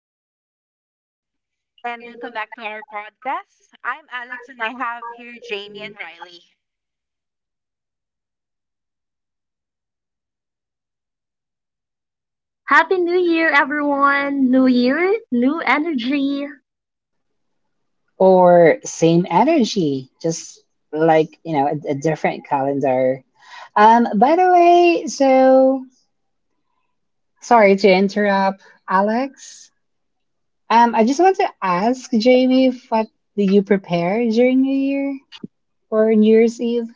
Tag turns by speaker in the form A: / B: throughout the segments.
A: Happy New Year and welcome back to our podcast. I'm Alex and I have here Jamie and Riley.
B: Happy New Year, everyone! New Year, new energy.
C: Or same energy, just like a different calendar. By the way, sorry to interrupt, Alex. I just want to ask Jamie, what do you prepare during New Year or New Year's Eve?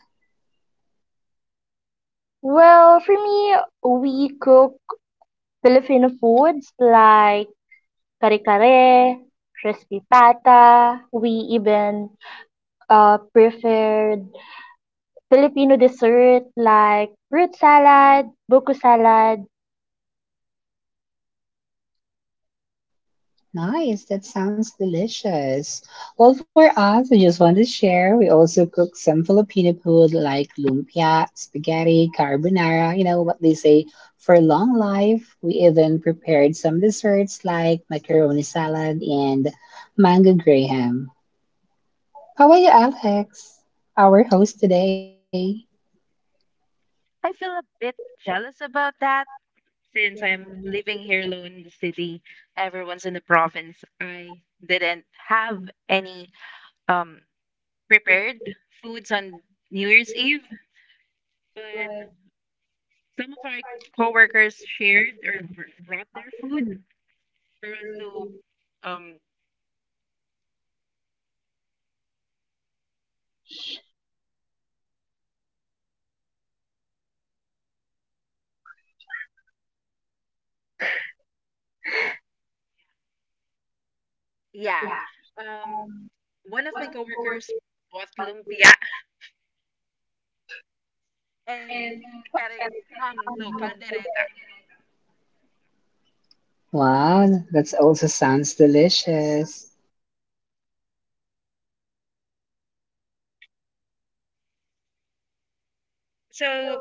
B: Well, for me, we cook Filipino foods like kare-kare, crispy pata. We even preferred Filipino dessert like fruit salad, buko salad.
C: Nice, that sounds delicious. Well, for us, we just want to share. We also cook some Filipino food like lumpia, spaghetti, carbonara, you know what they say for long life. We even prepared some desserts like macaroni salad and mango graham. How about you, Alex? Our host today.
A: I feel a bit jealous about that since I'm living here alone in the city. Everyone's in the province. I didn't have any um, prepared foods on New Year's Eve, but some of our coworkers shared or brought their food for us to. um, Yeah.
B: Yeah.
A: Um, one of my coworkers bought lumpia and pere, no, caldereta.
C: Wow, that also sounds delicious.
A: So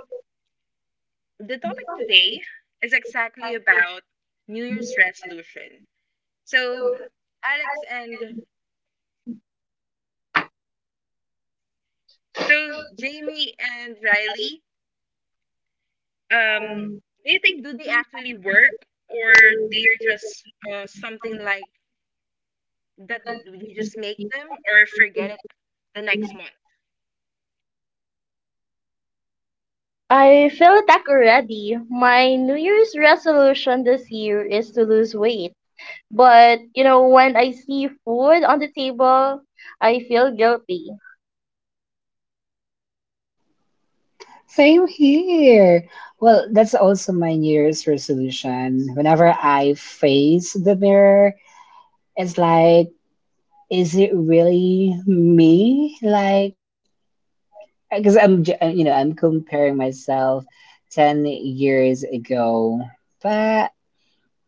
A: the topic today is exactly about New Year's resolution. So Alex and so Jamie and Riley, um, do you think do they actually work, or they're just something like that you just make them or forget it the next month?
B: I feel that already. My New Year's resolution this year is to lose weight. But, you know, when I see food on the table, I feel guilty.
C: Same here. Well, that's also my New Year's resolution. Whenever I face the mirror, it's like, is it really me? Like, because I'm, j- you know, I'm comparing myself 10 years ago. But,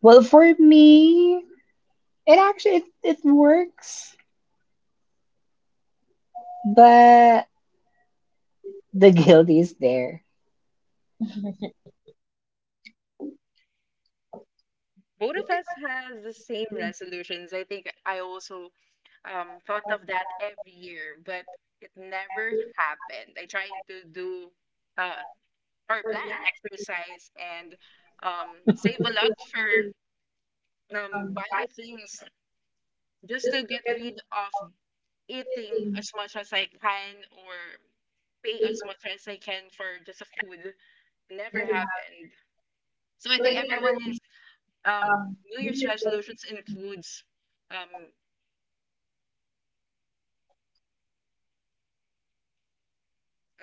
C: well, for me, it works. But the guilt is there.
A: Both of us has the same resolutions. I think I also thought of that every year, but it never happened. I tried to do uh or plan exercise and um save a lot for buying things, just to get rid of eating as much as I can or pay as much as I can for just a food. Never happened. So I think everyone's um New Year's resolutions includes um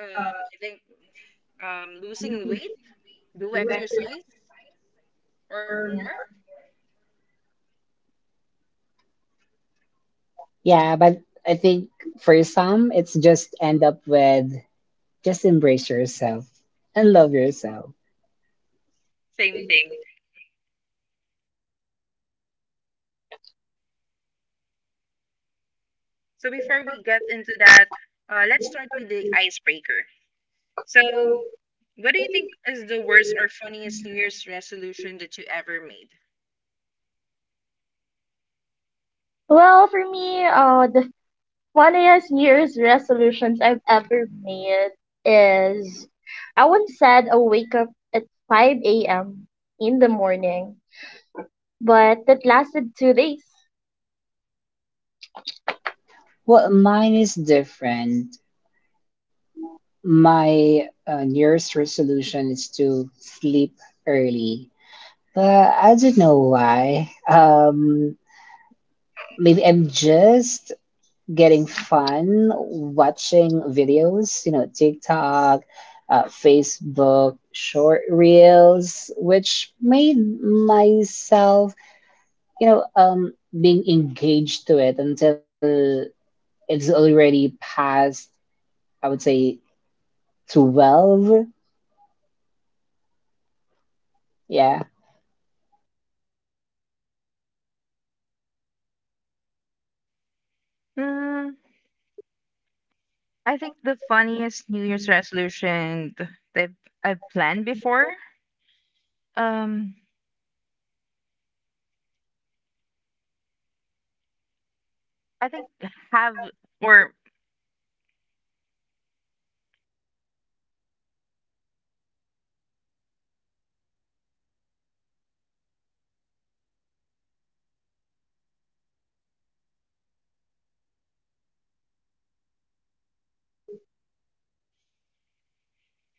A: I think, losing weight, do exercise or more,
C: Yeah, but I think for some, it's just end up with, just embrace yourself and love yourself.
A: same thing. So before we get into that, let's start with the icebreaker. So, what do you think is the worst or funniest New Year's resolution that you ever made?
B: Well, for me, the funniest New Year's resolutions I've ever made is I once said I wake up at 5 a.m. in the morning, but that lasted two days.
C: Well, mine is different. My nearest resolution is to sleep early, but I don't know why. Maybe I'm just getting fun watching videos, you know, TikTok, Facebook, short reels, which made myself, you know, um, being engaged to it until it's already past, I would say, 12. Yeah.
A: Mm, I think the funniest New Year's resolution that I've planned before. Um, I think, have or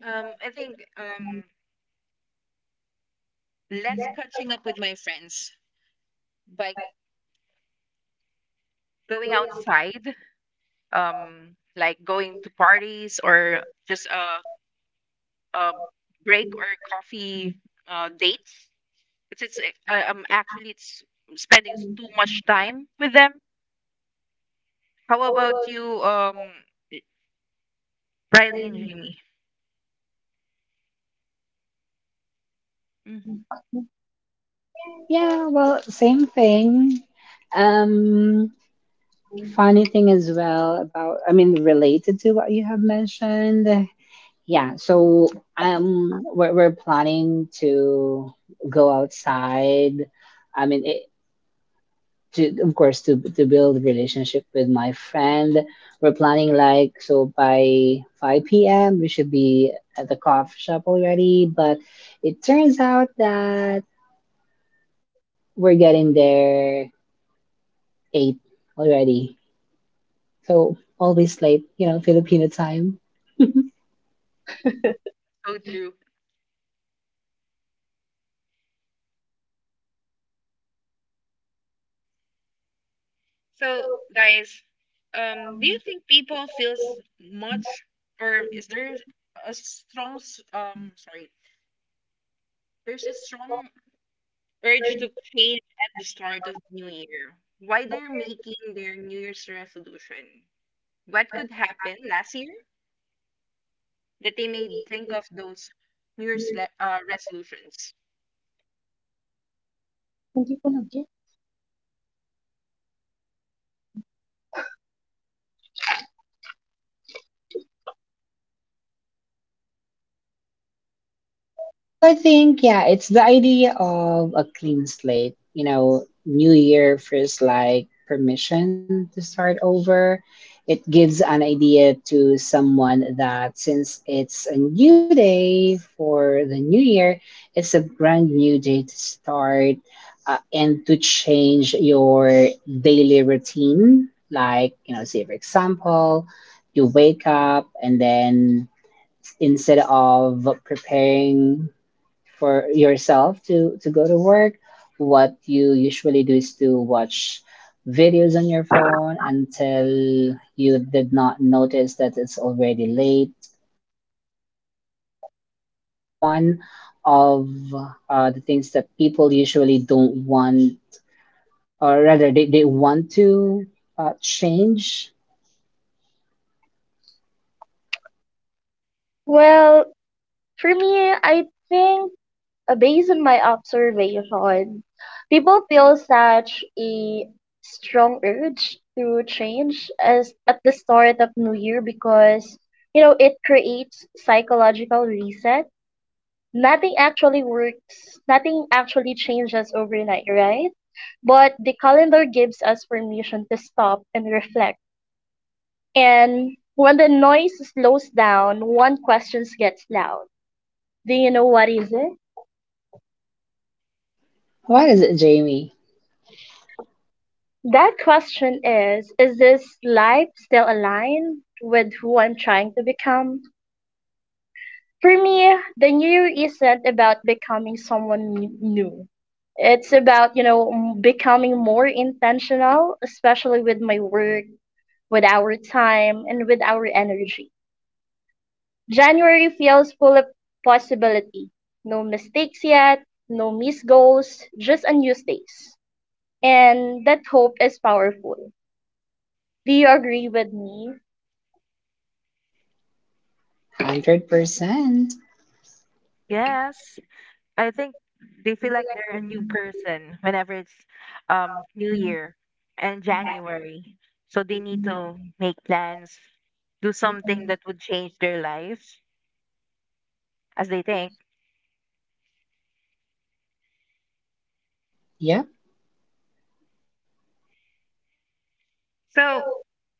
A: um, I think um, less catching up with my friends by going outside, like going to parties or just a break or coffee dates. It's actually it's spending too much time with them. How about you, Riley and Jamie? Mm,
C: Yeah, well, same thing. Um, Funny thing as well about, I mean, related to what you have mentioned. Yeah, so we're planning to go outside. I mean, it, to of course to build relationship with my friend. We're planning like so by 5 p.m. we should be at the coffee shop already, but it turns out that we're getting there 8 already. So always late, you know, Filipino time.
A: go through. So, guys, do you think people feels much, or is there a strong, s- sorry, there's a strong urge to change at the start of the New Year. Why they're making their New Year's resolution? What could happen last year that they made think of those New Year's resolutions?
C: Well, I think, yeah, it's the idea of a clean slate, you know, new year feels like permission to start over. It gives an idea to someone that since it's a new day for the new year, it's a brand new day to start and to change your daily routine. Like, you know, say, for example, you wake up and then instead of preparing for yourself to go to work, what you usually do is to watch videos on your phone until you did not notice that it's already late, you know, so that's one of the things that people usually don't want, or rather they want to change.
B: Well, for me, I think based on my observation, people feel such a strong urge to change as at the start of New Year because, you know, it creates psychological reset. Nothing actually works. Nothing actually changes overnight, right? But the calendar gives us permission to stop and reflect. And when the noise slows down, one question gets loud. Do you know what is it?
C: What is it, Jamie?
B: That question is this life still aligned with who I'm trying to become? For me, the new isn't about becoming someone new. It's about, you know, becoming more intentional, especially with my work, with our time, and with our energy. January feels full of possibility. No mistakes yet, no missed goals, just unused days. And that hope is powerful. Do you agree with me?
C: 100%.
A: Yes, I think they feel like they're a new person whenever it's New Year and January. So they need to make plans, do something that would change their life, as they think.
C: Yeah,
A: So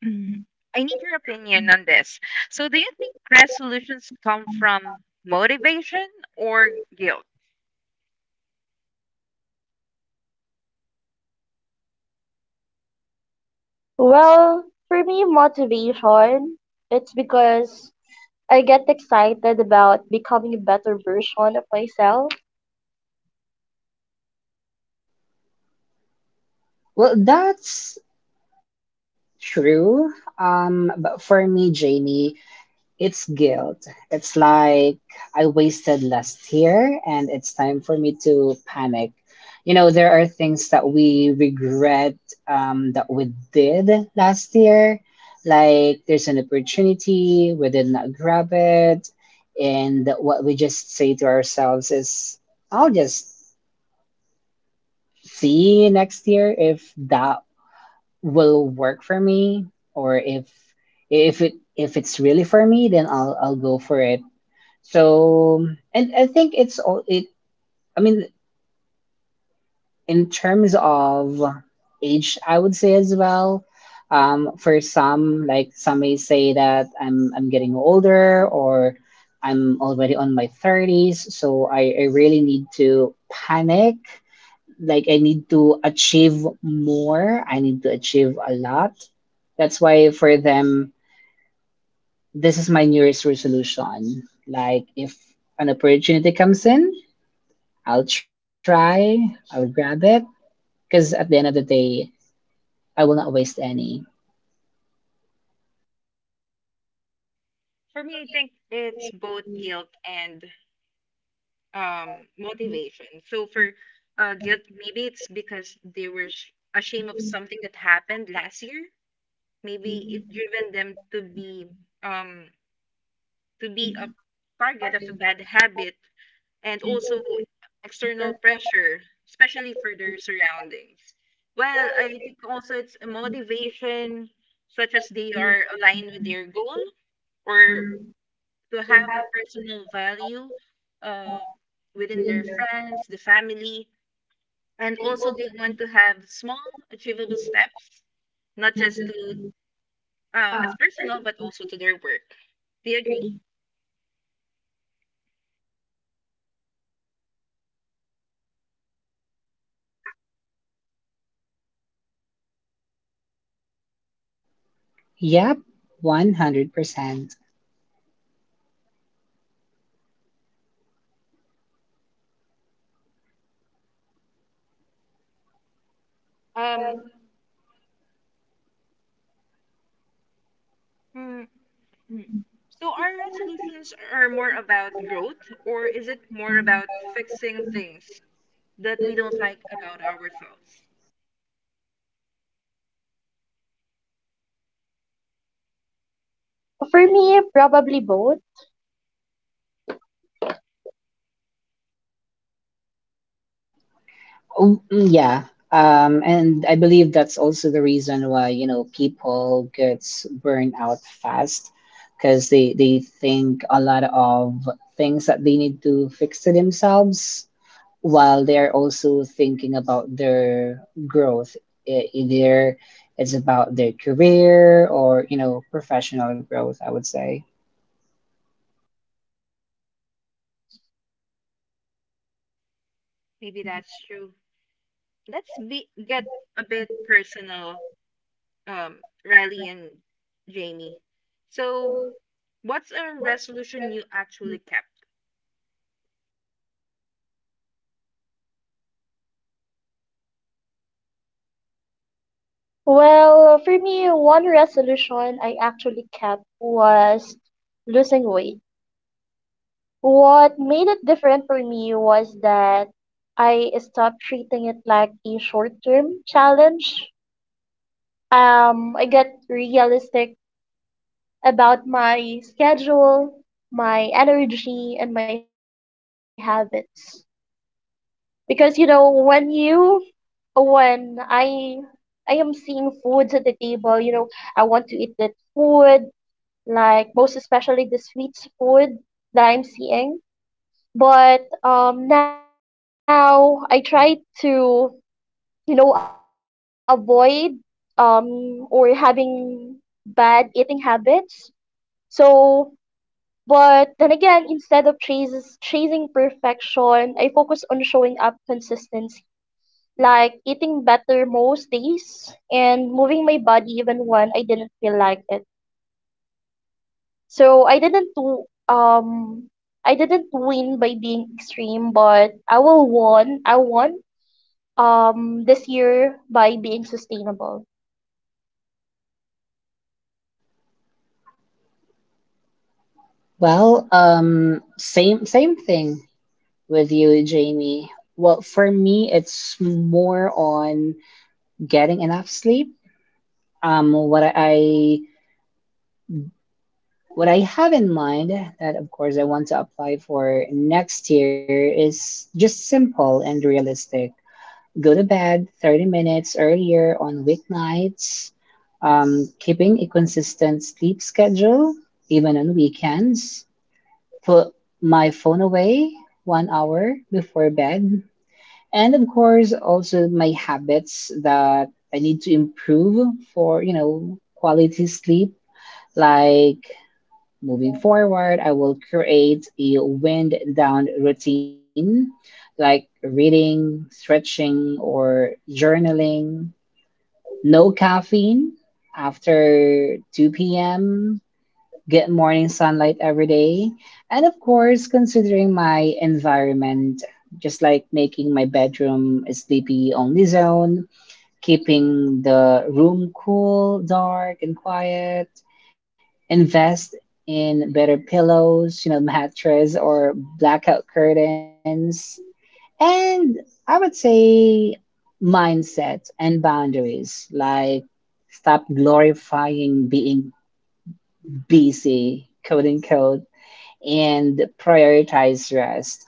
A: Mm, I need your opinion on this. So, do you think resolutions come from motivation or guilt?
B: Well, for me, motivation. It's because I get excited about becoming a better version of myself.
C: well, that's true. But for me, Jamie, it's guilt. It's like I wasted last year and it's time for me to panic. You know, there are things that we regret, that we did last year. Like there's an opportunity, we did not grab it. And what we just say to ourselves is, I'll just see next year if that will work for me, or if it if it's really for me, then I'll go for it. So, and I think it's all it. I mean, in terms of age, I would say as well. For some, like some may say that I'm getting older or I'm already on my thirties, so I really need to panic. Like I need to achieve more. I need to achieve a lot. That's why for them, this is my New Year's resolution. Like if an opportunity comes in, I'll try, I'll grab it, because at the end of the day, I will not waste any.
A: For me, I think it's both guilt and motivation. So, for guilt, maybe it's because they were ashamed of something that happened last year. Maybe it driven them um, to be a target of a bad habit, and also external pressure, especially for their surroundings. Well, I think also it's a motivation, such as they are aligned with their goal or to have a personal value uh, within their friends, the family, and also they want to have small, achievable steps, not just to as personal, but also to their work. Do you agree?
C: Yep, 100%.
A: Um, hmm, Hmm. So are resolutions are more about growth, or is it more about fixing things that we don't like about ourselves?
B: For me, probably both.
C: Oh, mm, yeah. And I believe that's also the reason why, you know, people gets burned out fast because they think a lot of things that they need to fix to themselves while they are also thinking about their growth. Either it's about their career or, you know, professional growth, I would say.
A: Maybe that's true. Let's be get a bit personal, um, Riley and Jamie. So what's a resolution you actually kept?
B: Well, for me, one resolution I actually kept was losing weight. What made it different for me was that I stopped treating it like a short term challenge. I got realistic about my schedule, my energy, and my habits. Because, you know, when you, when I am seeing foods at the table, you know, I want to eat that food, like most especially the sweet food that I'm seeing. But now I try to, you know, avoid or having bad eating habits. So, but then again, instead of chasing perfection, I focus on showing up consistency, like eating better most days and moving my body even when I didn't feel like it. So I didn't do. I didn't win by being extreme, but I won this year by being sustainable.
C: Well, same thing with you, Jamie. Well, for me, it's more on getting enough sleep. Um, what I what I have in mind that of course I want to apply for next year is just simple and realistic. Go to bed 30 minutes earlier on weeknights, keeping a consistent sleep schedule, even on weekends, put my phone away 1 hour before bed, and of course also my habits that I need to improve for, you know, quality sleep. Like moving forward, I will create a wind down routine like reading, stretching, or journaling. No caffeine after 2 p.m. Get morning sunlight every day. And of course, considering my environment, just like making my bedroom a sleepy only zone, keeping the room cool, dark, and quiet, invest in better pillows, you know, mattress or blackout curtains. And I would say mindset and boundaries, like stop glorifying being busy, quote unquote, and prioritize rest.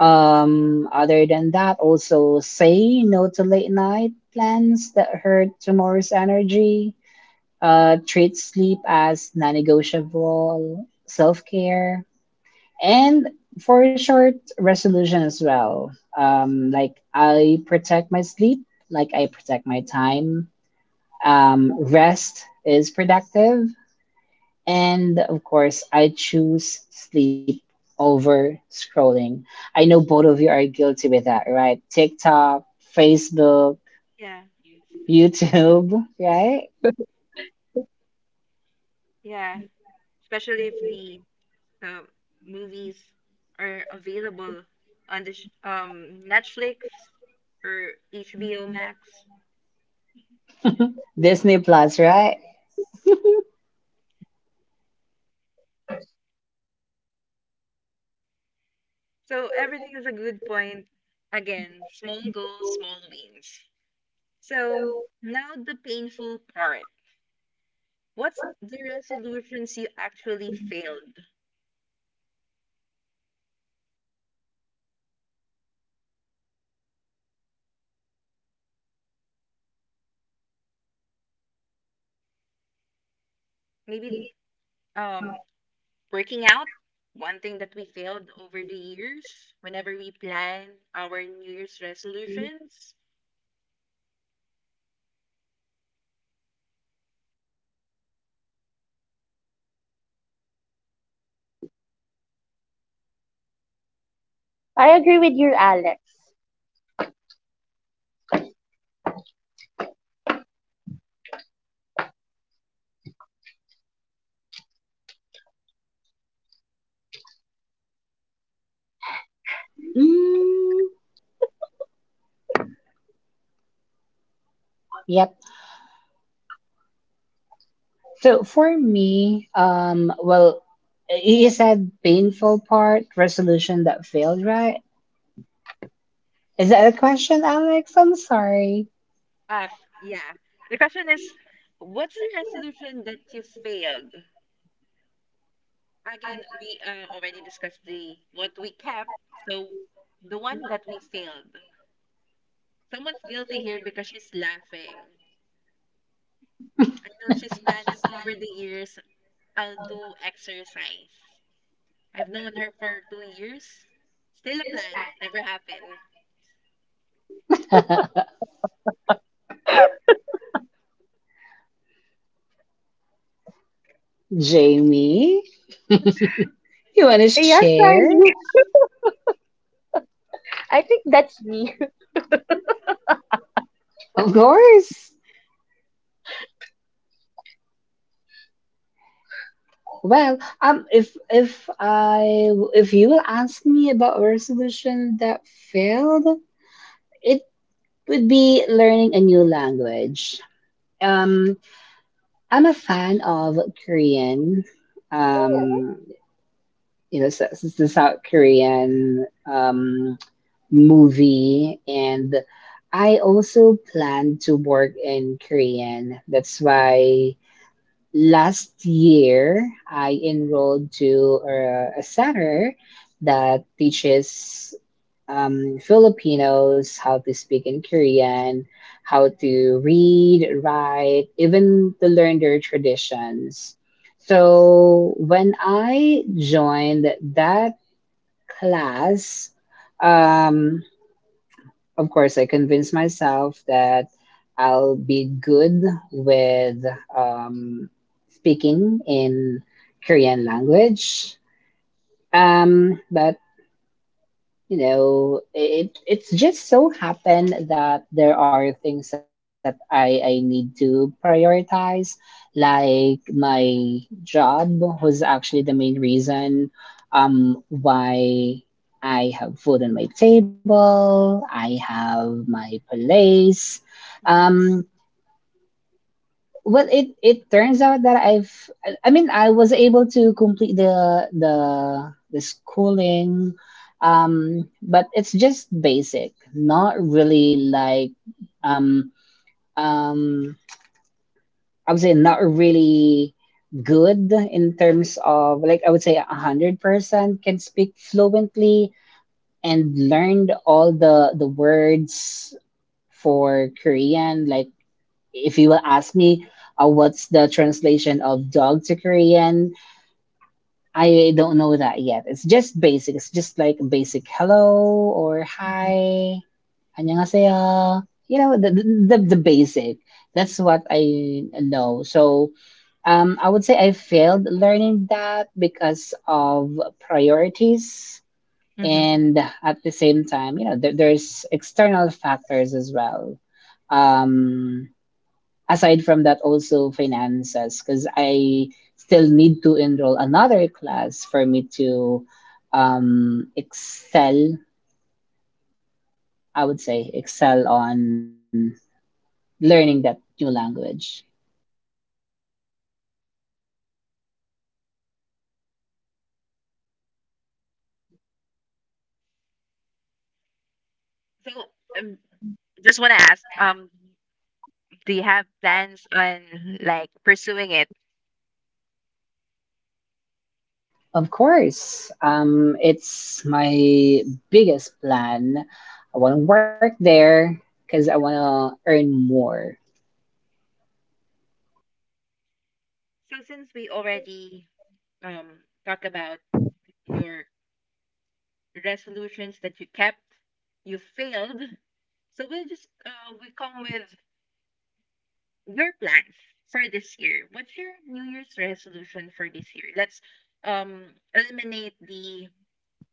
C: Other than that, also say no to late night plans that hurt tomorrow's energy, treat sleep as non negotiable, self care, and for a short resolution as well. Like I protect my sleep, like I protect my time. Rest is productive. And of course, I choose sleep over scrolling. I know both of you are guilty with that, right? TikTok, Facebook,
A: Yeah.
C: YouTube, right?
A: Yeah. Especially if the um, movies are available on the Netflix or HBO Max.
C: Disney Plus, right?
A: So everything is a good point. Again, small goals, small wins. So now the painful part. What's the resolutions you actually failed? Maybe um working out, one thing that we failed over the years whenever we plan our New Year's resolutions.
B: I agree with you, Alex.
C: Mm, yep. So for me, well, you said painful part, resolution that failed, right? Is that a question, Alex? I'm sorry.
A: Um, yeah. The question is, what's the resolution that you failed? Again, we already discussed the what we kept, so the one that we failed. Someone's guilty here because she's laughing. I know she's planning over the years, I'll do exercise. I've known her for 2 years. Still a plan, never happened.
C: Jamie, you want to
B: Yes,
C: share?
B: Charlie. I think that's me.
C: Of course. Well, if you will ask me about a resolution that failed, it would be learning a new language. Um, I'm a fan of Korean. Um, you know, this the South Korean um, movie, and I also plan to work in Korean. That's why last year I enrolled to a center that teaches Filipinos how to speak in Korean, how to read, write, even to learn their traditions. So when I joined that class, um, of course, I convinced myself that I'll be good with um, speaking in Korean language. But you know, it it's just so happened that there are things that I need to prioritize, like my job was actually the main reason, why I have food on my table, I have my place.
A: Mhm.
C: Um, well, it turns out that I mean, I was able to complete the the schooling, but it's just basic, not really like, um um I would say not really good in terms of, like, I would say a 100% can speak fluently and learned all the words for Korean. Like, if you will ask me what's the translation of dog to Korean, I don't know that yet. It's just basic. It's just like basic hello or
A: Mhm,
C: hi, 안녕하세요. You know the, the basic. That's what I know. So I would say I failed learning that because of priorities.
A: mhm.
C: And at the same time, you know, there's external factors as well, um, aside from that also finances because I still need to enroll another class for me to excel, I would say excel on learning that new language.
A: So, um, just want to ask, do you have plans on like pursuing it?
C: Of course, it's my biggest plan. I want to work there because I want to earn more.
A: So since we already um talked about your resolutions that you kept, you failed. So we come with your plans for this year. What's your New Year's resolution for this year? Let's um eliminate the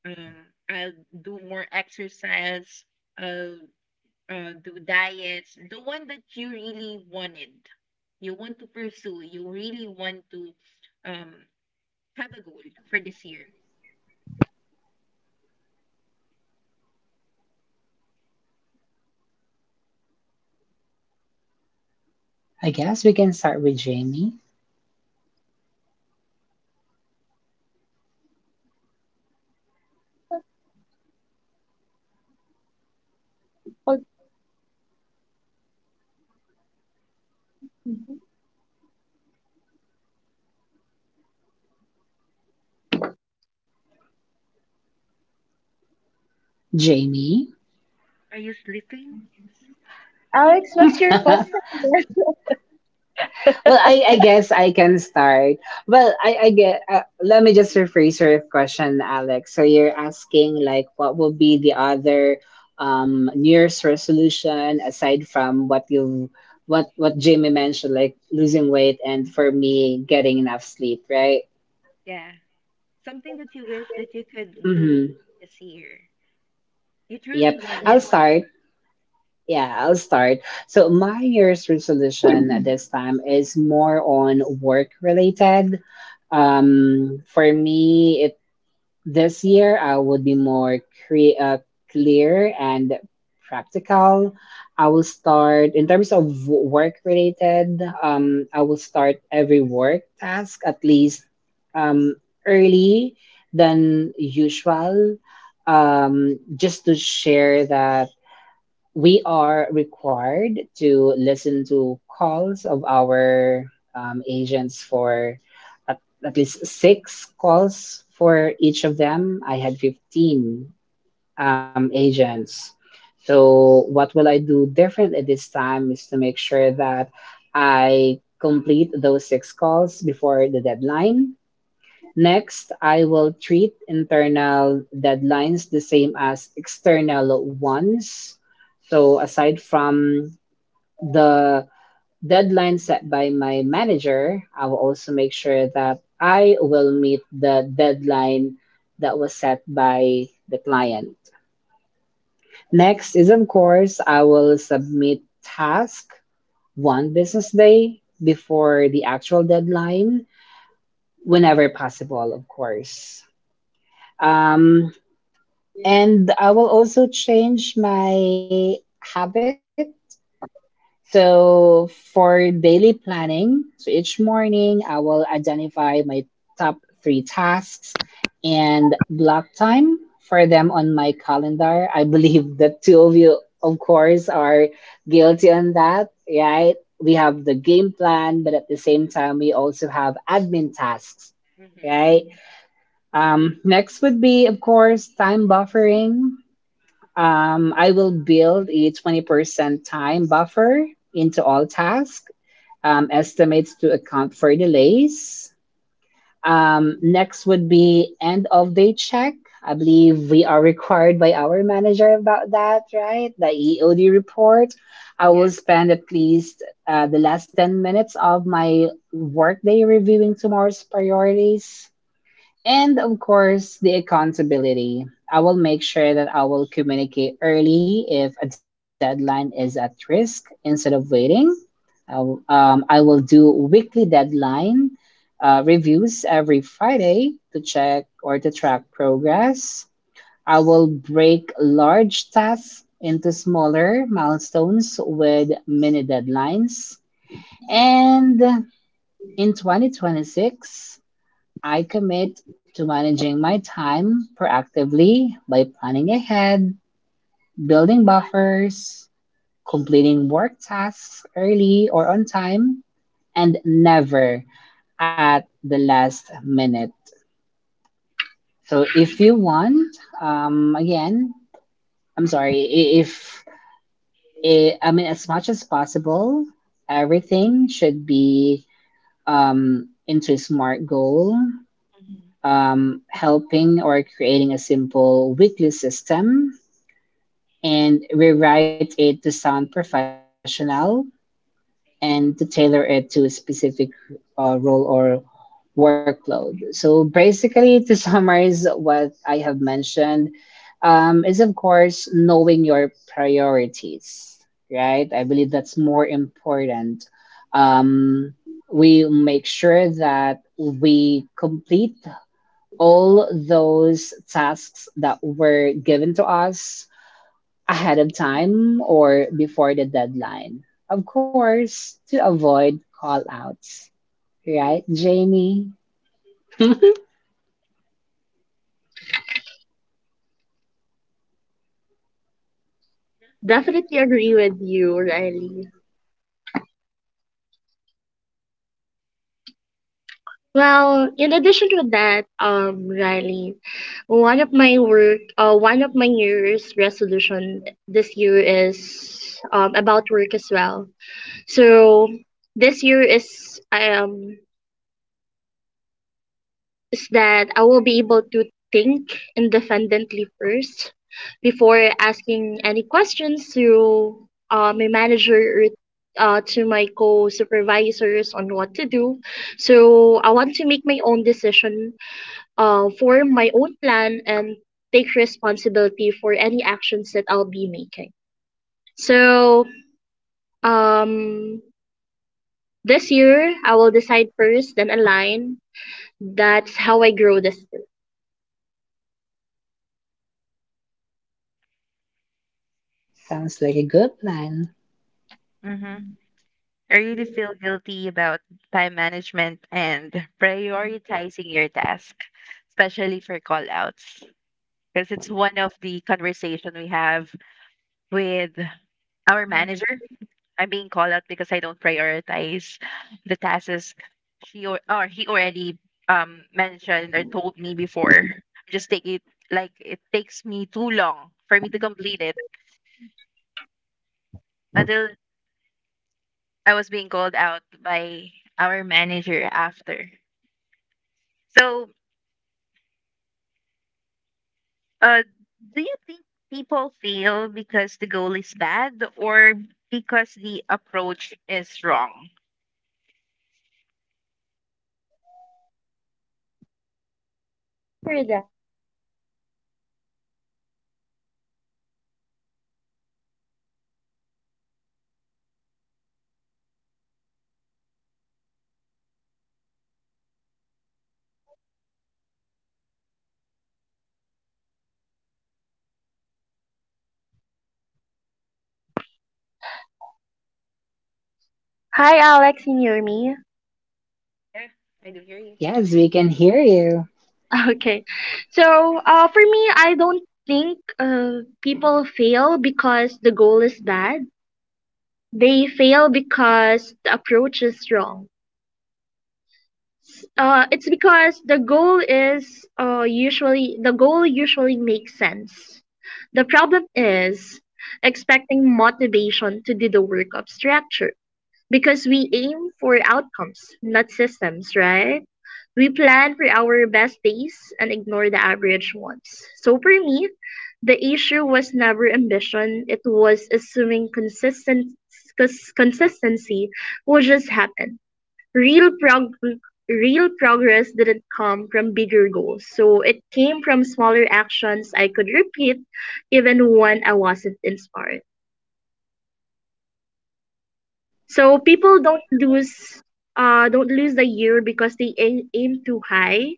A: I'll do more exercise. I'll do diets. The one that you really wanted, you want to pursue. You really want to um have a goal for this year.
C: I guess we can start with Jamie.
B: Okay.
C: Jamie.
A: Are you sleeping?
B: Alex, what's your question?
C: Well, I guess I can start. Well, I get. Let me just rephrase your question, Alex. So you're asking like, what will be the other New Year's resolution aside from what Jamie mentioned, like losing weight, and for me, getting enough sleep, right?
A: Yeah. Something that you wish that you could do
C: Mm-hmm.
A: this year. You truly
C: Yep. I'll
A: wanted.
C: start. Yeah, I'll start. So my New Year's resolution at this time is more on work related. For me it This year, I would be more cre- uh, clear and practical. I will start in terms of work related. I will start every work task at least um, early than usual. Just to share that we are required to listen to calls of our agents for at, at least 6 calls for each of them. I had 15 agents. So, what will I do differently this time is to make sure that I complete those 6 calls before the deadline. Next, I will treat internal deadlines the same as external ones. So, aside from the deadline set by my manager, I will also make sure that I will meet the deadline that was set by the client. Next is, of course, I will submit task one business day before the actual deadline, whenever possible, of course. Um, And I will also change my habit. So for daily planning, so each morning I will identify my top 3 tasks and block time for them on my calendar. I believe the two of you, of course, are guilty on that, right? We have the game plan, but at the same time, we also have admin tasks,
A: Mm-hmm.
C: right? Next would be, of course, time buffering. I will build a 20% time buffer into all tasks, estimates to account for delays. Next would be end of day check. I believe we are required by our manager about that, right? The EOD report. I
A: Yeah.
C: will spend at least the last 10 minutes of my workday reviewing tomorrow's priorities, and of course, the accountability. I will make sure that I will communicate early if a deadline is at risk instead of waiting. I will, I will do weekly deadline reviews every Friday to check or to track progress. I will break large tasks into smaller milestones with mini deadlines. And in 2026, I commit to managing my time proactively by planning ahead, building buffers, completing work tasks early or on time, and never at the last minute. So if you want, again, I'm sorry, I- if I I mean, as much as possible, everything should be into a smart goal,
A: Hmm.
C: helping or creating a simple weekly system, and rewrite it to sound professional and to tailor it to a specific role or workload. So basically, to summarize what I have mentioned, is of course knowing your priorities, right? I believe that's more important. Um, we make sure that we complete all those tasks that were given to us ahead of time or before the deadline. Of course, to avoid call outs. Right, Jamie?
B: Definitely. Well, in addition to that, Riley, one of my work, one of my New Year's resolution this year is about work as well. So this year is that I will be able to think independently first before asking any questions to my manager or to my co-supervisors on what to do. So I want to make my own decision, form my own plan, and take responsibility for any actions that I'll be making. So, um, this year I will decide first, then align. That's how I grow this year.
C: Sounds like a good plan.
A: Mm-hmm. I really feel guilty about time management and prioritizing your task, especially for call outs, because it's one of the conversation we have with our manager. I'm being called out because I don't prioritize the tasks she or he already mentioned or told me before. Just take it, like it takes me too long for me to complete it, until I was being called out by our manager after. So, uh, do you think people fail because the goal is bad, or because the approach is wrong?
B: Hear that? Hi, Alex. Can you hear me?
A: Yeah, I do hear you.
C: Yes, we can hear you.
B: Okay. So, for me, I don't think people fail because the goal is bad. They fail because the approach is wrong. It's because the goal is usually makes sense. The problem is expecting motivation to do the work of structure, because we aim for outcomes, not systems, right? We plan for our best days and ignore the average ones. So for me, the issue was never ambition, it was assuming consistency will just happen. real prog- Real progress didn't come from bigger goals. So it came from smaller actions I could repeat even when I wasn't inspired. So people don't lose the year because they aim too high.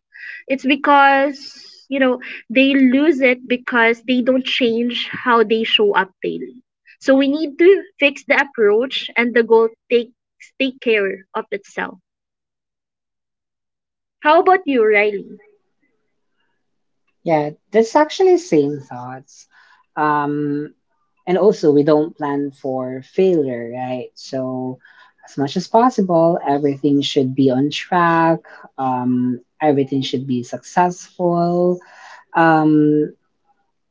B: It's because, you know, they lose it because they don't change how they show up daily. So we need to fix the approach and the goal take care of itself. How about you, Riley?
C: Yeah, that's actually same thoughts. Um, and also, we don't plan for failure, right? So, as much as possible, everything should be on track. Everything should be successful. Um,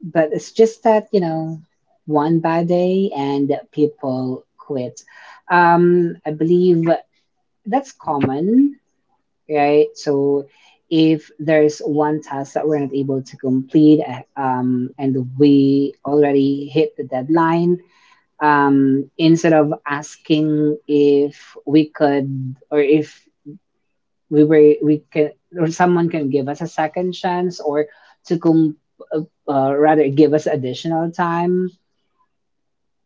C: but it's just that, you know, one bad day and people quit. I believe that's common, right? So if there's one task that we're not able to complete and we already hit the deadline, instead of asking if we could, or if we can, or someone can give us a second chance or to com- uh, rather give us additional time,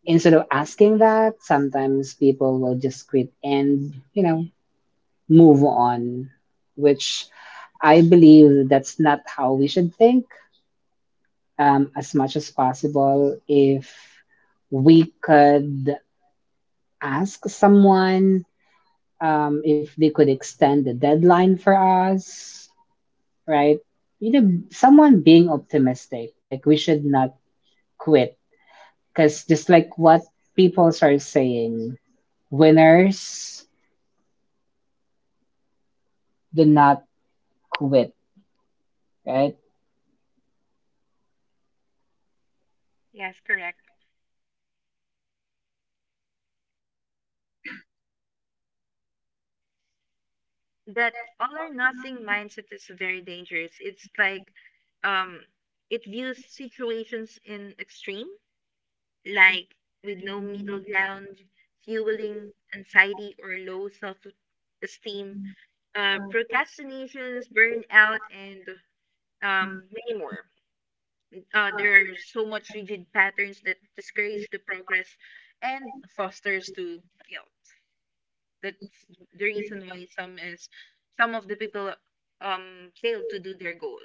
C: instead of asking that, sometimes people will just quit and, you know, move on, which, I believe that's not how we should think. As much as possible, if we could ask someone, if they could extend the deadline for us, right? You know, someone being optimistic, like we should not quit. Because just like what people are saying, winners do not quit, right?
A: Yes, correct. That all or nothing mindset is very dangerous. It's like um it views situations in extreme, like with no middle ground, fueling anxiety or low self esteem, procrastinations, burnout, and many more. There are so much rigid patterns that discourage the progress and fosters to guilt. That's the reason why some of the people fail to do their goal.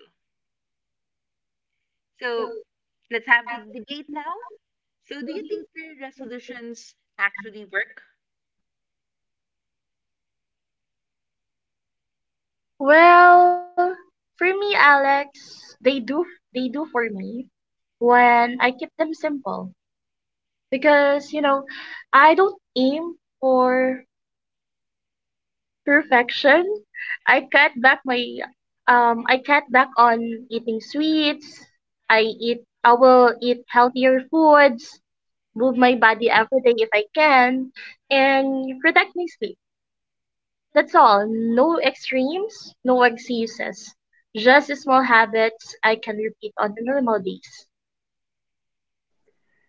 A: So let's have the debate now. So do you think the resolutions actually work?
B: Well, for me, Alex, they do they do for me when I keep them simple, because, you know, I don't aim for perfection. I cut back my I cut back on eating sweets. I will eat healthier foods, move my body every day if I can, and protect my sleep. That's all, no extremes, no excuses. Just small habits I can repeat on the normal days.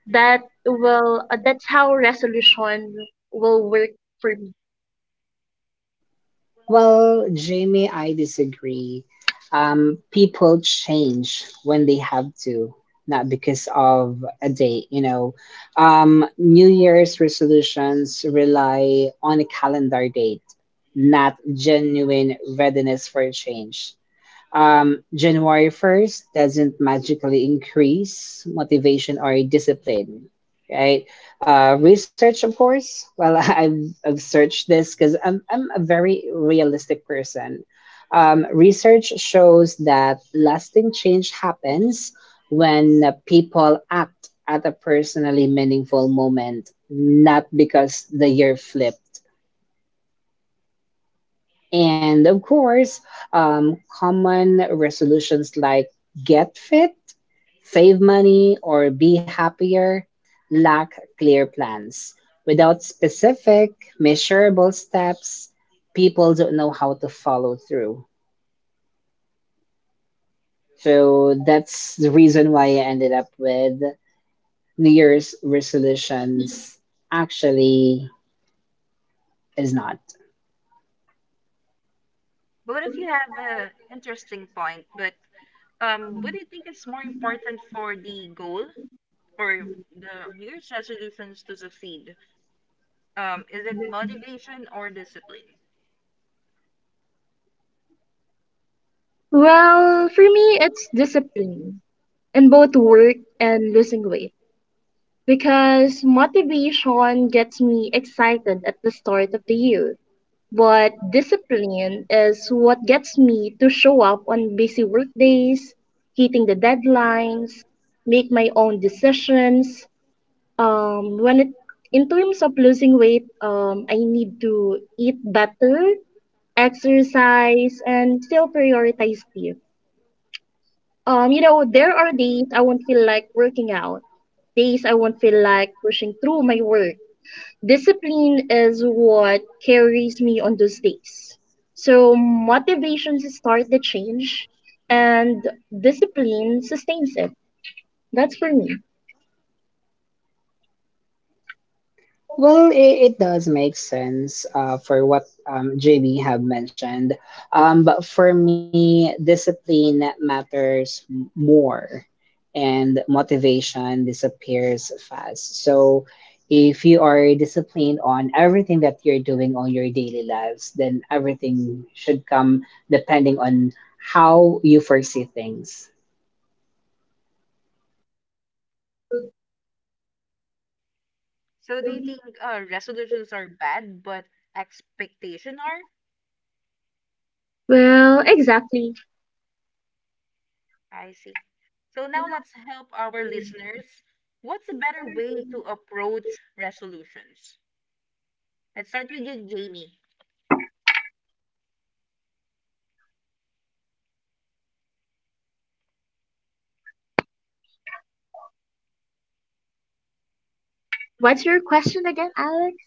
B: That's how resolution will work for me.
C: Well, Jamie, I disagree. People change when they have to, not because of a date, you know. New Year's resolutions rely on a calendar date, not genuine readiness for change. January 1st doesn't magically increase motivation or discipline, right? Research, of course. Well, I've searched this because I'm a very realistic person. Research shows that lasting change happens when people act at a personally meaningful moment, not because the year flipped. And of course, common resolutions like get fit, save money, or be happier lack clear plans. Without specific, measurable steps, people don't know how to follow through. So that's the reason why I ended up with New Year's resolutions actually is not.
A: Both of you have an interesting point, but what do you think is more important for the goal? For the New Year's resolutions to succeed? Is it motivation or discipline?
B: Well, for me it's discipline in both work and losing weight, because motivation gets me excited at the start of the year. But discipline is what gets me to show up on busy workdays, hitting the deadlines, make my own decisions. When it In terms of losing weight, I need to eat better, exercise, and still prioritize sleep. You know, there are days I won't feel like working out, days I won't feel like pushing through my work. Discipline is what carries me on those days. So motivation to start the change, and discipline sustains it. That's for me.
C: Well, it does make sense for what JB have mentioned. But for me, discipline matters more, and motivation disappears fast. So if you are disciplined on everything that you're doing on your daily lives, then everything should come depending on how you foresee things.
A: So do you think resolutions are bad, but expectation are?
B: Well, exactly.
A: I see. So now let's help our listeners. What's a better way to approach resolutions? Let's start with you, Jamie.
B: What's your question again, Alex?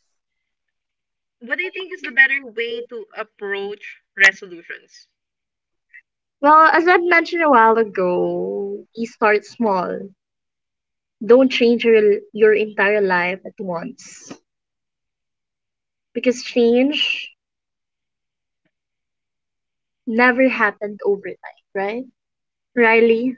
A: What do you think is the better way to approach resolutions?
B: Well, as I mentioned a while ago, you start small. Don't change your entire life at once. Because change never happened overnight, right, Riley?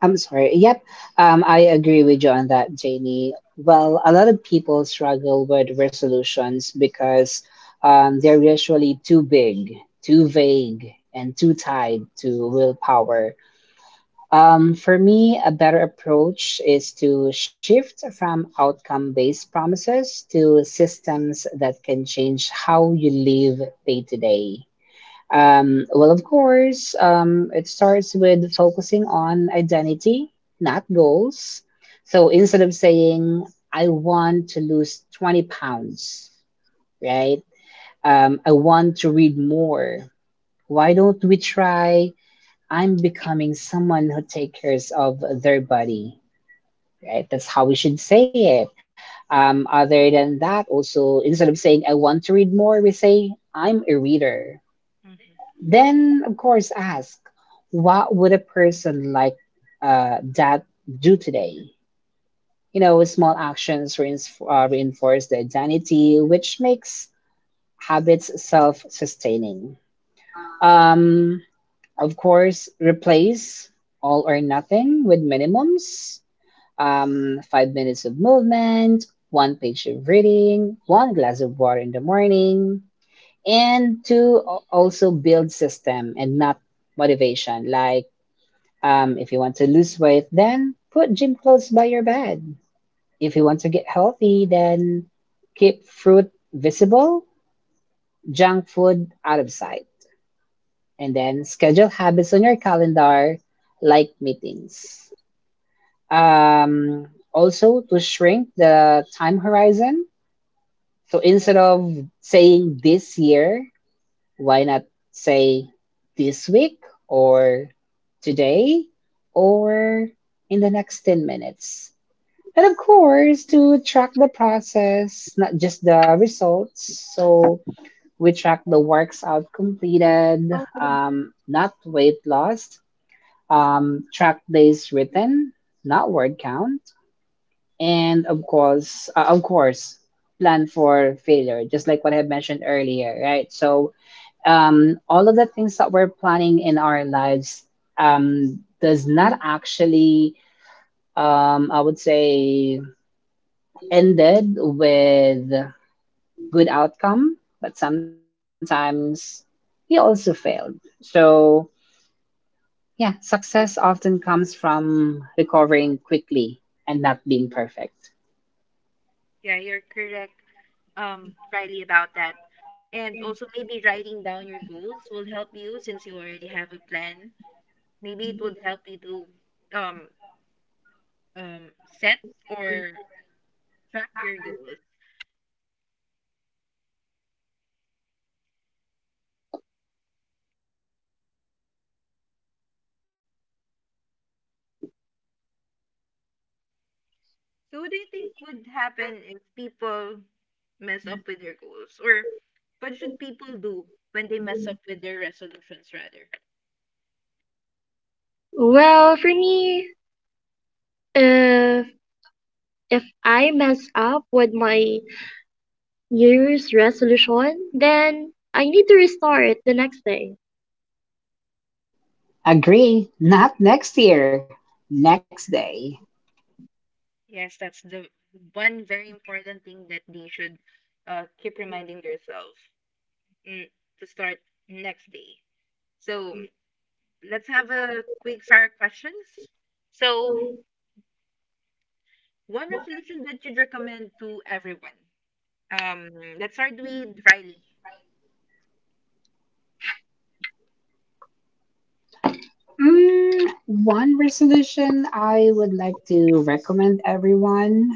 C: I'm sorry. Yep. I agree with you on that, Jamie. Well, a lot of people struggle with resolutions because they're usually too big, too vague, and too tied to willpower. For me, a better approach is to shift from outcome based promises to systems that can change how you live day to day. Well, of course, it starts with focusing on identity, not goals. So instead of saying, I want to lose 20 pounds, right? I want to read more. Why don't we try? I'm becoming someone who takes care of their body, right? That's how we should say it. Other than that, also, instead of saying, I want to read more, we say, I'm a reader,
A: Mm-hmm.
C: then, of course, ask what would a person like that do today? You know, small actions reinforce the identity, which makes habits self sustaining. Um, of course, replace all or nothing with minimums, five minutes of movement, one page of reading, one glass of water in the morning, and to also build system and not motivation, like, if you want to lose weight, then put gym clothes by your bed. If you want to get healthy, then keep fruit visible, junk food out of sight, and then schedule habits on your calendar like meetings. um, Also, to shrink the time horizon, so instead of saying this year, why not say this week, or today, or in the next 10 minutes? And of course, to track the process, not just the results. So we track the works out completed, not weight lost, track days written, not word count, and of course, plan for failure, just like what I had mentioned earlier, right? So all of the things that we're planning in our lives does not actually, I would say, ended with good outcome, but sometimes we also failed. So yeah, success often comes from recovering quickly and not being perfect.
A: Yeah, you're correct, Riley, about that. And also, maybe writing down your goals will help you since you already have a plan. Maybe it would help you to um, set or track your goals. So, what do you think would happen if people mess up with their goals? Or what should people do when they mess up with their resolutions, rather?
B: Well, for me, if if I mess up with my New Year's resolution, then I need to restart the next day.
C: Agree. Not next year. Next day.
A: Yes, that's the one very important thing that they should keep reminding themselves. mm, to start next day. So let's have a quick fire questions. So one resolution that you'd recommend to everyone. Um, let's start with Riley.
C: Mm, one resolution I would like to recommend everyone.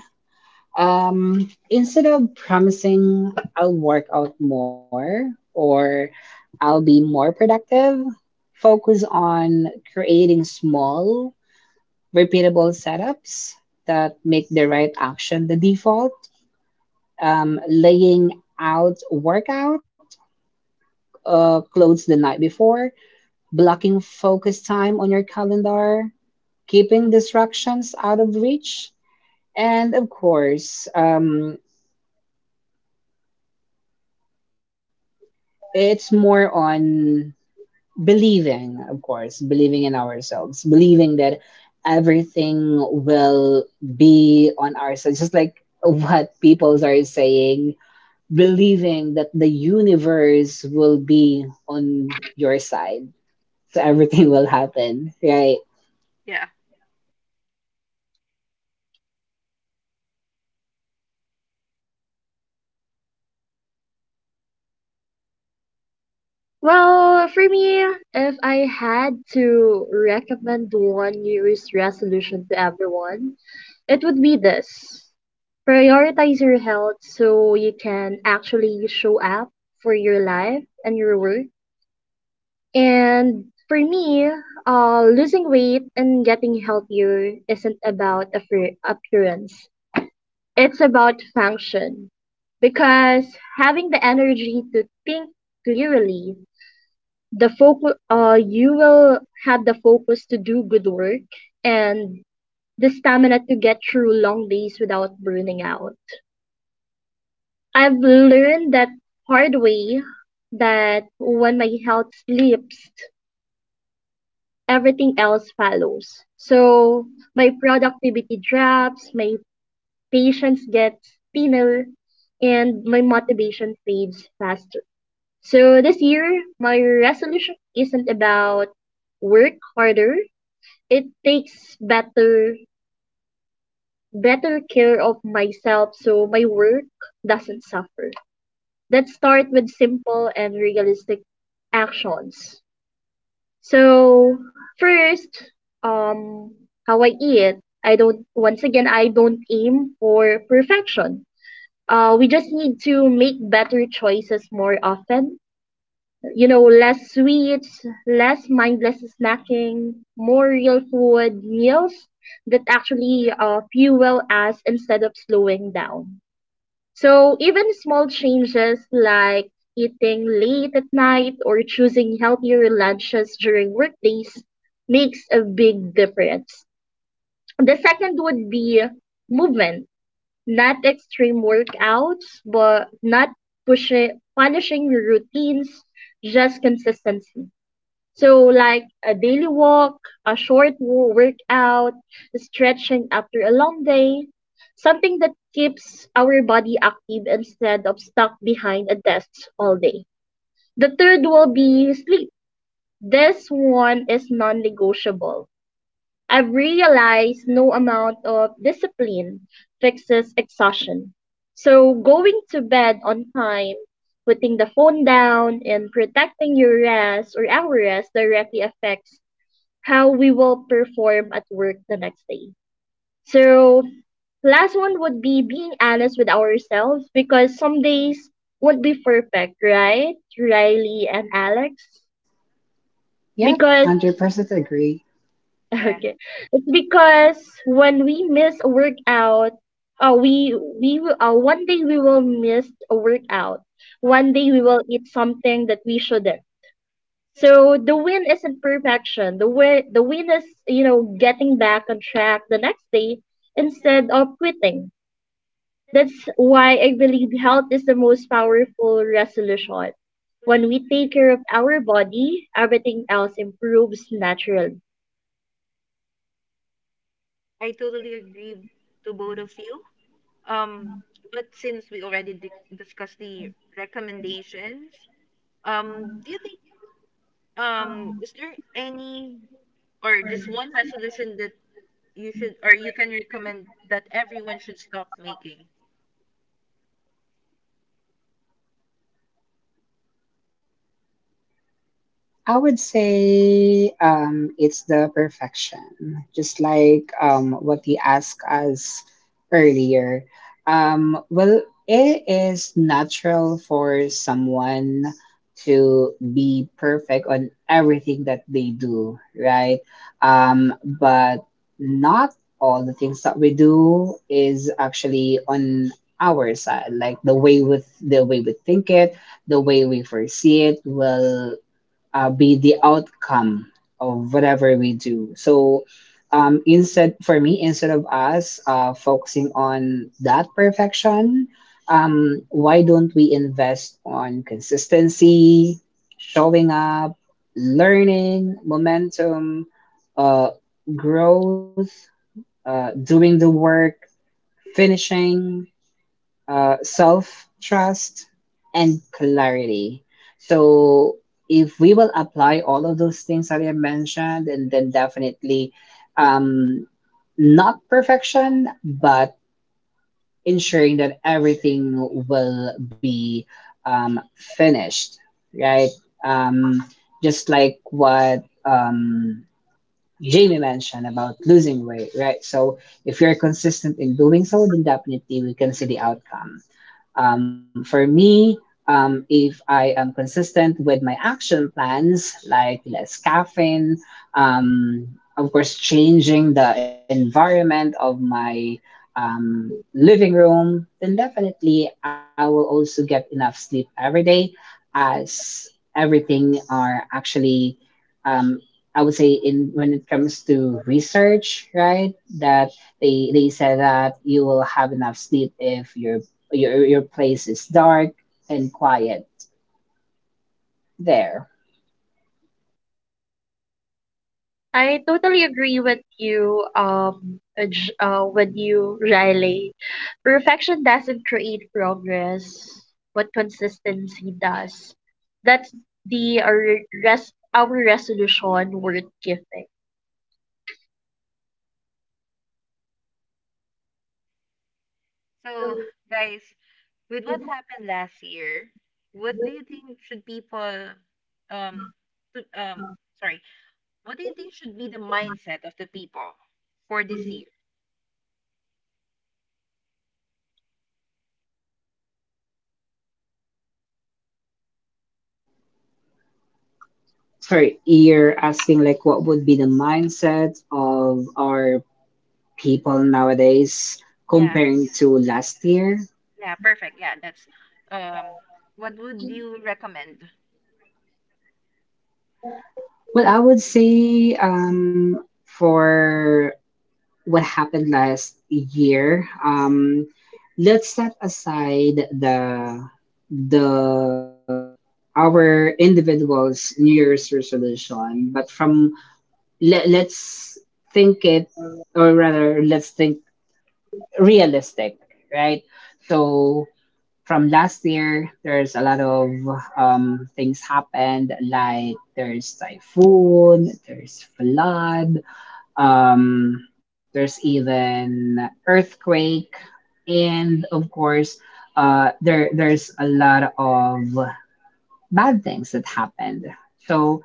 C: Instead of promising I'll work out more or I'll be more productive, focus on creating small, repeatable setups that make the right action the default. Laying out workout clothes the night before, blocking focus time on your calendar, keeping distractions out of reach, and of course, it's more on believing, of course, believing in ourselves, believing that everything will be on our side, just like what people are saying, believing that the universe will be on your side. So everything will happen, right?
A: Yeah,
B: Well, for me, if I had to recommend one New Year's resolution to everyone, it would be this: prioritize your health so you can actually show up for your life and your work. And for me, losing weight and getting healthier isn't about appearance. It's about function. Because having the energy to think clearly, the focus, you will have the focus to do good work and the stamina to get through long days without burning out. I've learned that hard way that when my health slips, everything else follows. So my productivity drops, my patience gets thinner, and my motivation fades faster. So this year, my resolution isn't about work harder. It takes better care of myself so my work doesn't suffer. Let's start with simple and realistic actions. So first, um how I eat. I don't aim for perfection. We just need to make better choices more often. You know, less sweets, less mindless snacking, more real food meals that actually fuel us instead of slowing down. So even small changes like eating late at night or choosing healthier lunches during workdays makes a big difference. The second would be movement, not extreme workouts, but not pushing, punishing your routines, just consistency. So, like a daily walk, a workout, stretching after a long day, something that keeps our body active instead of stuck behind a desk all day. The third will be sleep. This one is non negotiable I've realized no amount of discipline fixes exhaustion. So going to bed on time, putting the phone down, and protecting your rest or our rest directly affects how we will perform at work the next day. So last one would be being honest with ourselves, because some days won't be perfect, right, Riley and Alex?
C: Yep,
B: Because
C: 100% agree.
A: yeah.
B: okay. It's because when we miss a workout, we will one day we will miss a workout. One day we will eat something that we shouldn't. So the win isn't perfection. The win is, you know, getting back on track the next day instead of quitting. That's why I believe health is the most powerful resolution. When we take care of our body, everything else improves naturally.
A: I totally agree to both of you. Um, but since we already di discussed the recommendations, do you think is there any or just one resolution that you should or you can recommend that everyone should stop making?
C: I would say it's the perfection, just like what you asked us earlier. Well, it is natural for someone to be perfect on everything that they do, right? But not all the things that we do is actually on our side, like the way with the way we think it, the way we foresee it will be the outcome of whatever we do. So, instead for me, instead of us focusing on that perfection, why don't we invest on consistency, showing up, learning, momentum, uh, growth, doing the work, finishing, self trust, and clarity. So, if we will apply all of those things that I mentioned, and then definitely um, not perfection, but ensuring that everything will be finished, right? Um, just like what Jamie mentioned about losing weight, right? So, if you're consistent in doing so, then definitely we can see the outcome. For me, if I am consistent with my action plans, like less caffeine, um, of course, changing the environment of my living room, then definitely I will also get enough sleep every day, as everything are actually, um, I would say, in when it comes to research, right? That they said that you will have enough sleep if your place is dark and quiet there.
B: I totally agree with you, with you, Riley. Perfection doesn't create progress, but consistency does. That's the rest our resolution worth giving.
A: So, guys, with what happened last year, what do you think um to, um sorry, should be the mindset of the people for this
B: Mhm.
A: year?
C: For you're asking like what would be the mindset of our people nowadays
A: Yeah.
C: comparing to last year?
A: Yeah, perfect. Yeah, that's um what would you recommend?
C: Well, I would say for what happened last year. Let's set aside the the our individuals' New Year's resolution, but from let's think it, or rather, let's think realistic, right? So from last year, there's a lot of things happened, like there's typhoon, there's flood, there's even earthquake, and of course, there there's a lot of bad things that happened. So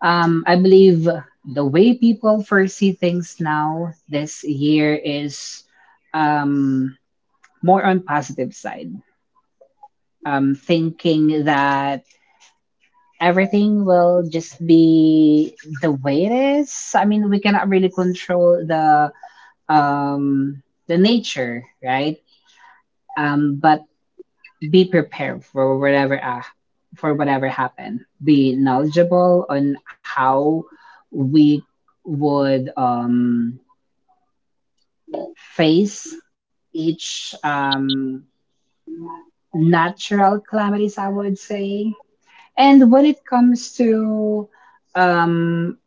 C: I believe the way people foresee things now this year is um, more on positive side. Thinking that everything will just be the way it is. I mean, we cannot really control the nature, right? But be prepared for whatever for whatever happened. Be knowledgeable on how we would face each natural calamities, I would say. And when it comes to um,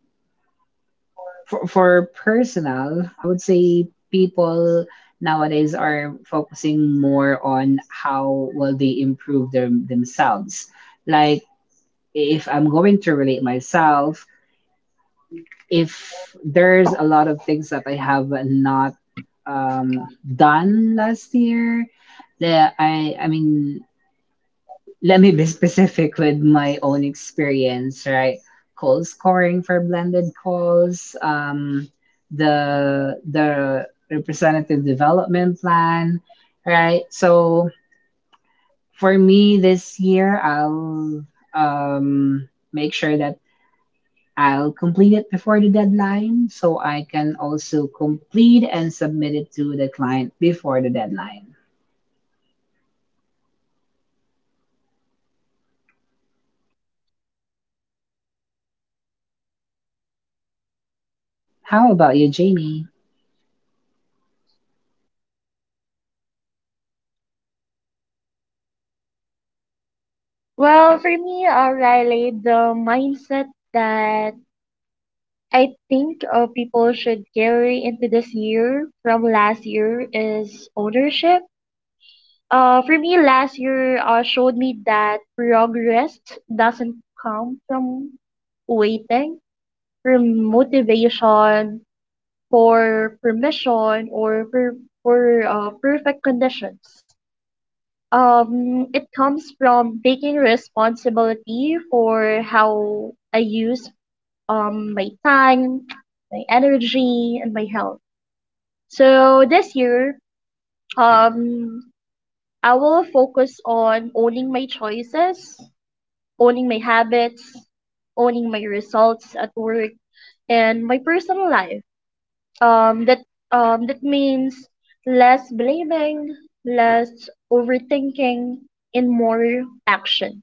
C: for personal, I would say people nowadays are focusing more on how will they improve their themselves. Like if I'm going to relate myself, if there's a lot of things that I have not done last year, that I mean, let me be specific with my own experience, right? Cold scoring for blended calls, the representative development plan, right? So for me this year, I'll make sure that I'll complete it before the deadline so I can also complete and submit it to the client before the deadline. How about you, Jamie?
B: Well, for me, Riley, the mindset that I think people should carry into this year from last year is ownership. For me, last year showed me that progress doesn't come from waiting for motivation, for permission, or for perfect conditions. It comes from taking responsibility for how I use my time, my energy, and my health. So this year, um, I will focus on owning my choices, owning my habits, owning my results at work and my personal life. Um, that that means less blaming, less overthinking, and more action.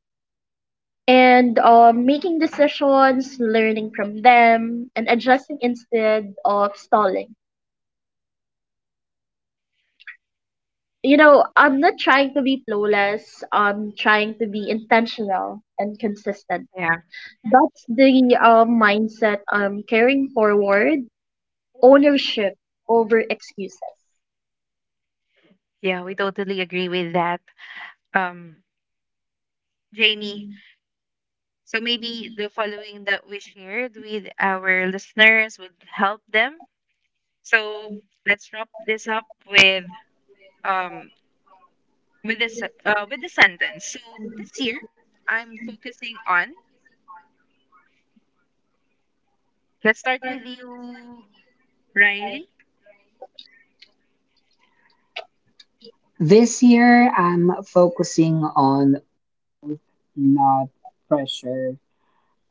B: And making decisions, learning from them, and adjusting instead of stalling. You know, I'm not trying to be flawless. I'm trying to be intentional and consistent.
A: Yeah.
B: That's the mindset I'm carrying forward: ownership over excuses.
A: Yeah, we totally agree with that. Um, Jamie, so maybe the following that we shared with our listeners would help them. So let's wrap this up um with this with the sentence. So, this year I'm focusing on, let's start with you, Riley.
C: This year, I'm focusing on not pressure.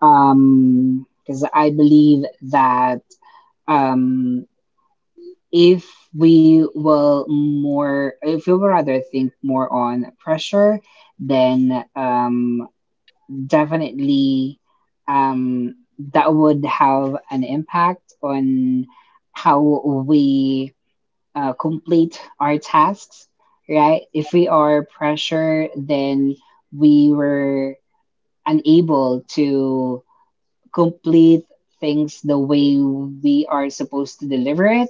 C: Because I believe that, um if we will more, if we will rather think more on pressure, then definitely um that would have an impact on how we complete our tasks, right? If we are pressured, then we were unable to complete things the way we are supposed to deliver it,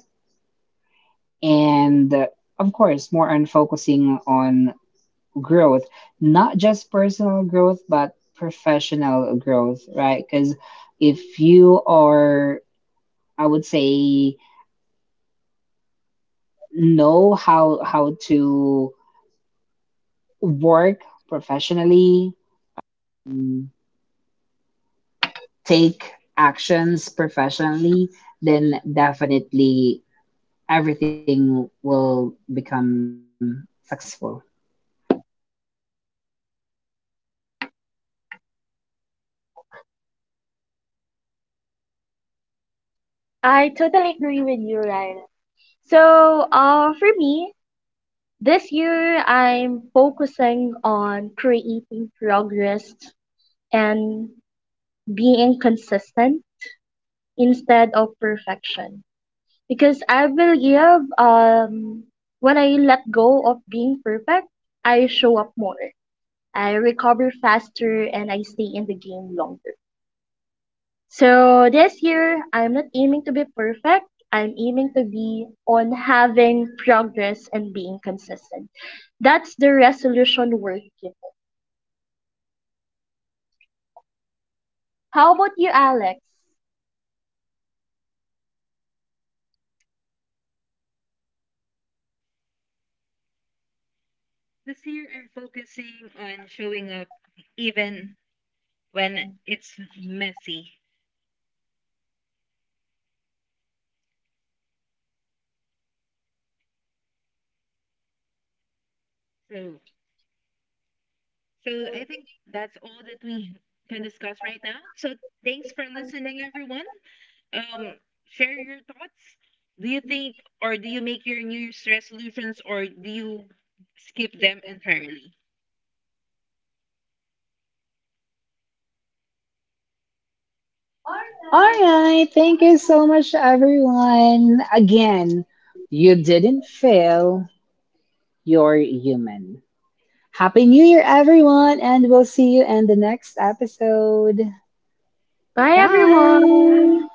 C: and of course more on focusing on growth, not just personal growth but professional growth, right? Because if you are, I would say, know how to work professionally, mm, take actions professionally, then definitely everything will become successful.
B: I totally agree with you, Ryan. So, for me, this year I'm focusing on creating progress and being consistent instead of perfection. Because I believe when I let go of being perfect, I show up more. I recover faster and I stay in the game longer. So this year, I'm not aiming to be perfect. I'm aiming to be on having progress and being consistent. That's the resolution worth keeping. How about you, Alex?
A: This year, I'm focusing on showing up even when it's messy. So, so I think that's all that we can discuss right now. So, thanks for listening, everyone. Um, share your thoughts. Do you think, or do you make your New Year's resolutions, or do you skip them entirely?
C: All right. Thank you so much, everyone. Again, you didn't fail. You're human. Happy New Year, everyone, and we'll see you in the next episode.
B: Bye,
A: Bye.
C: Bye.
B: everyone.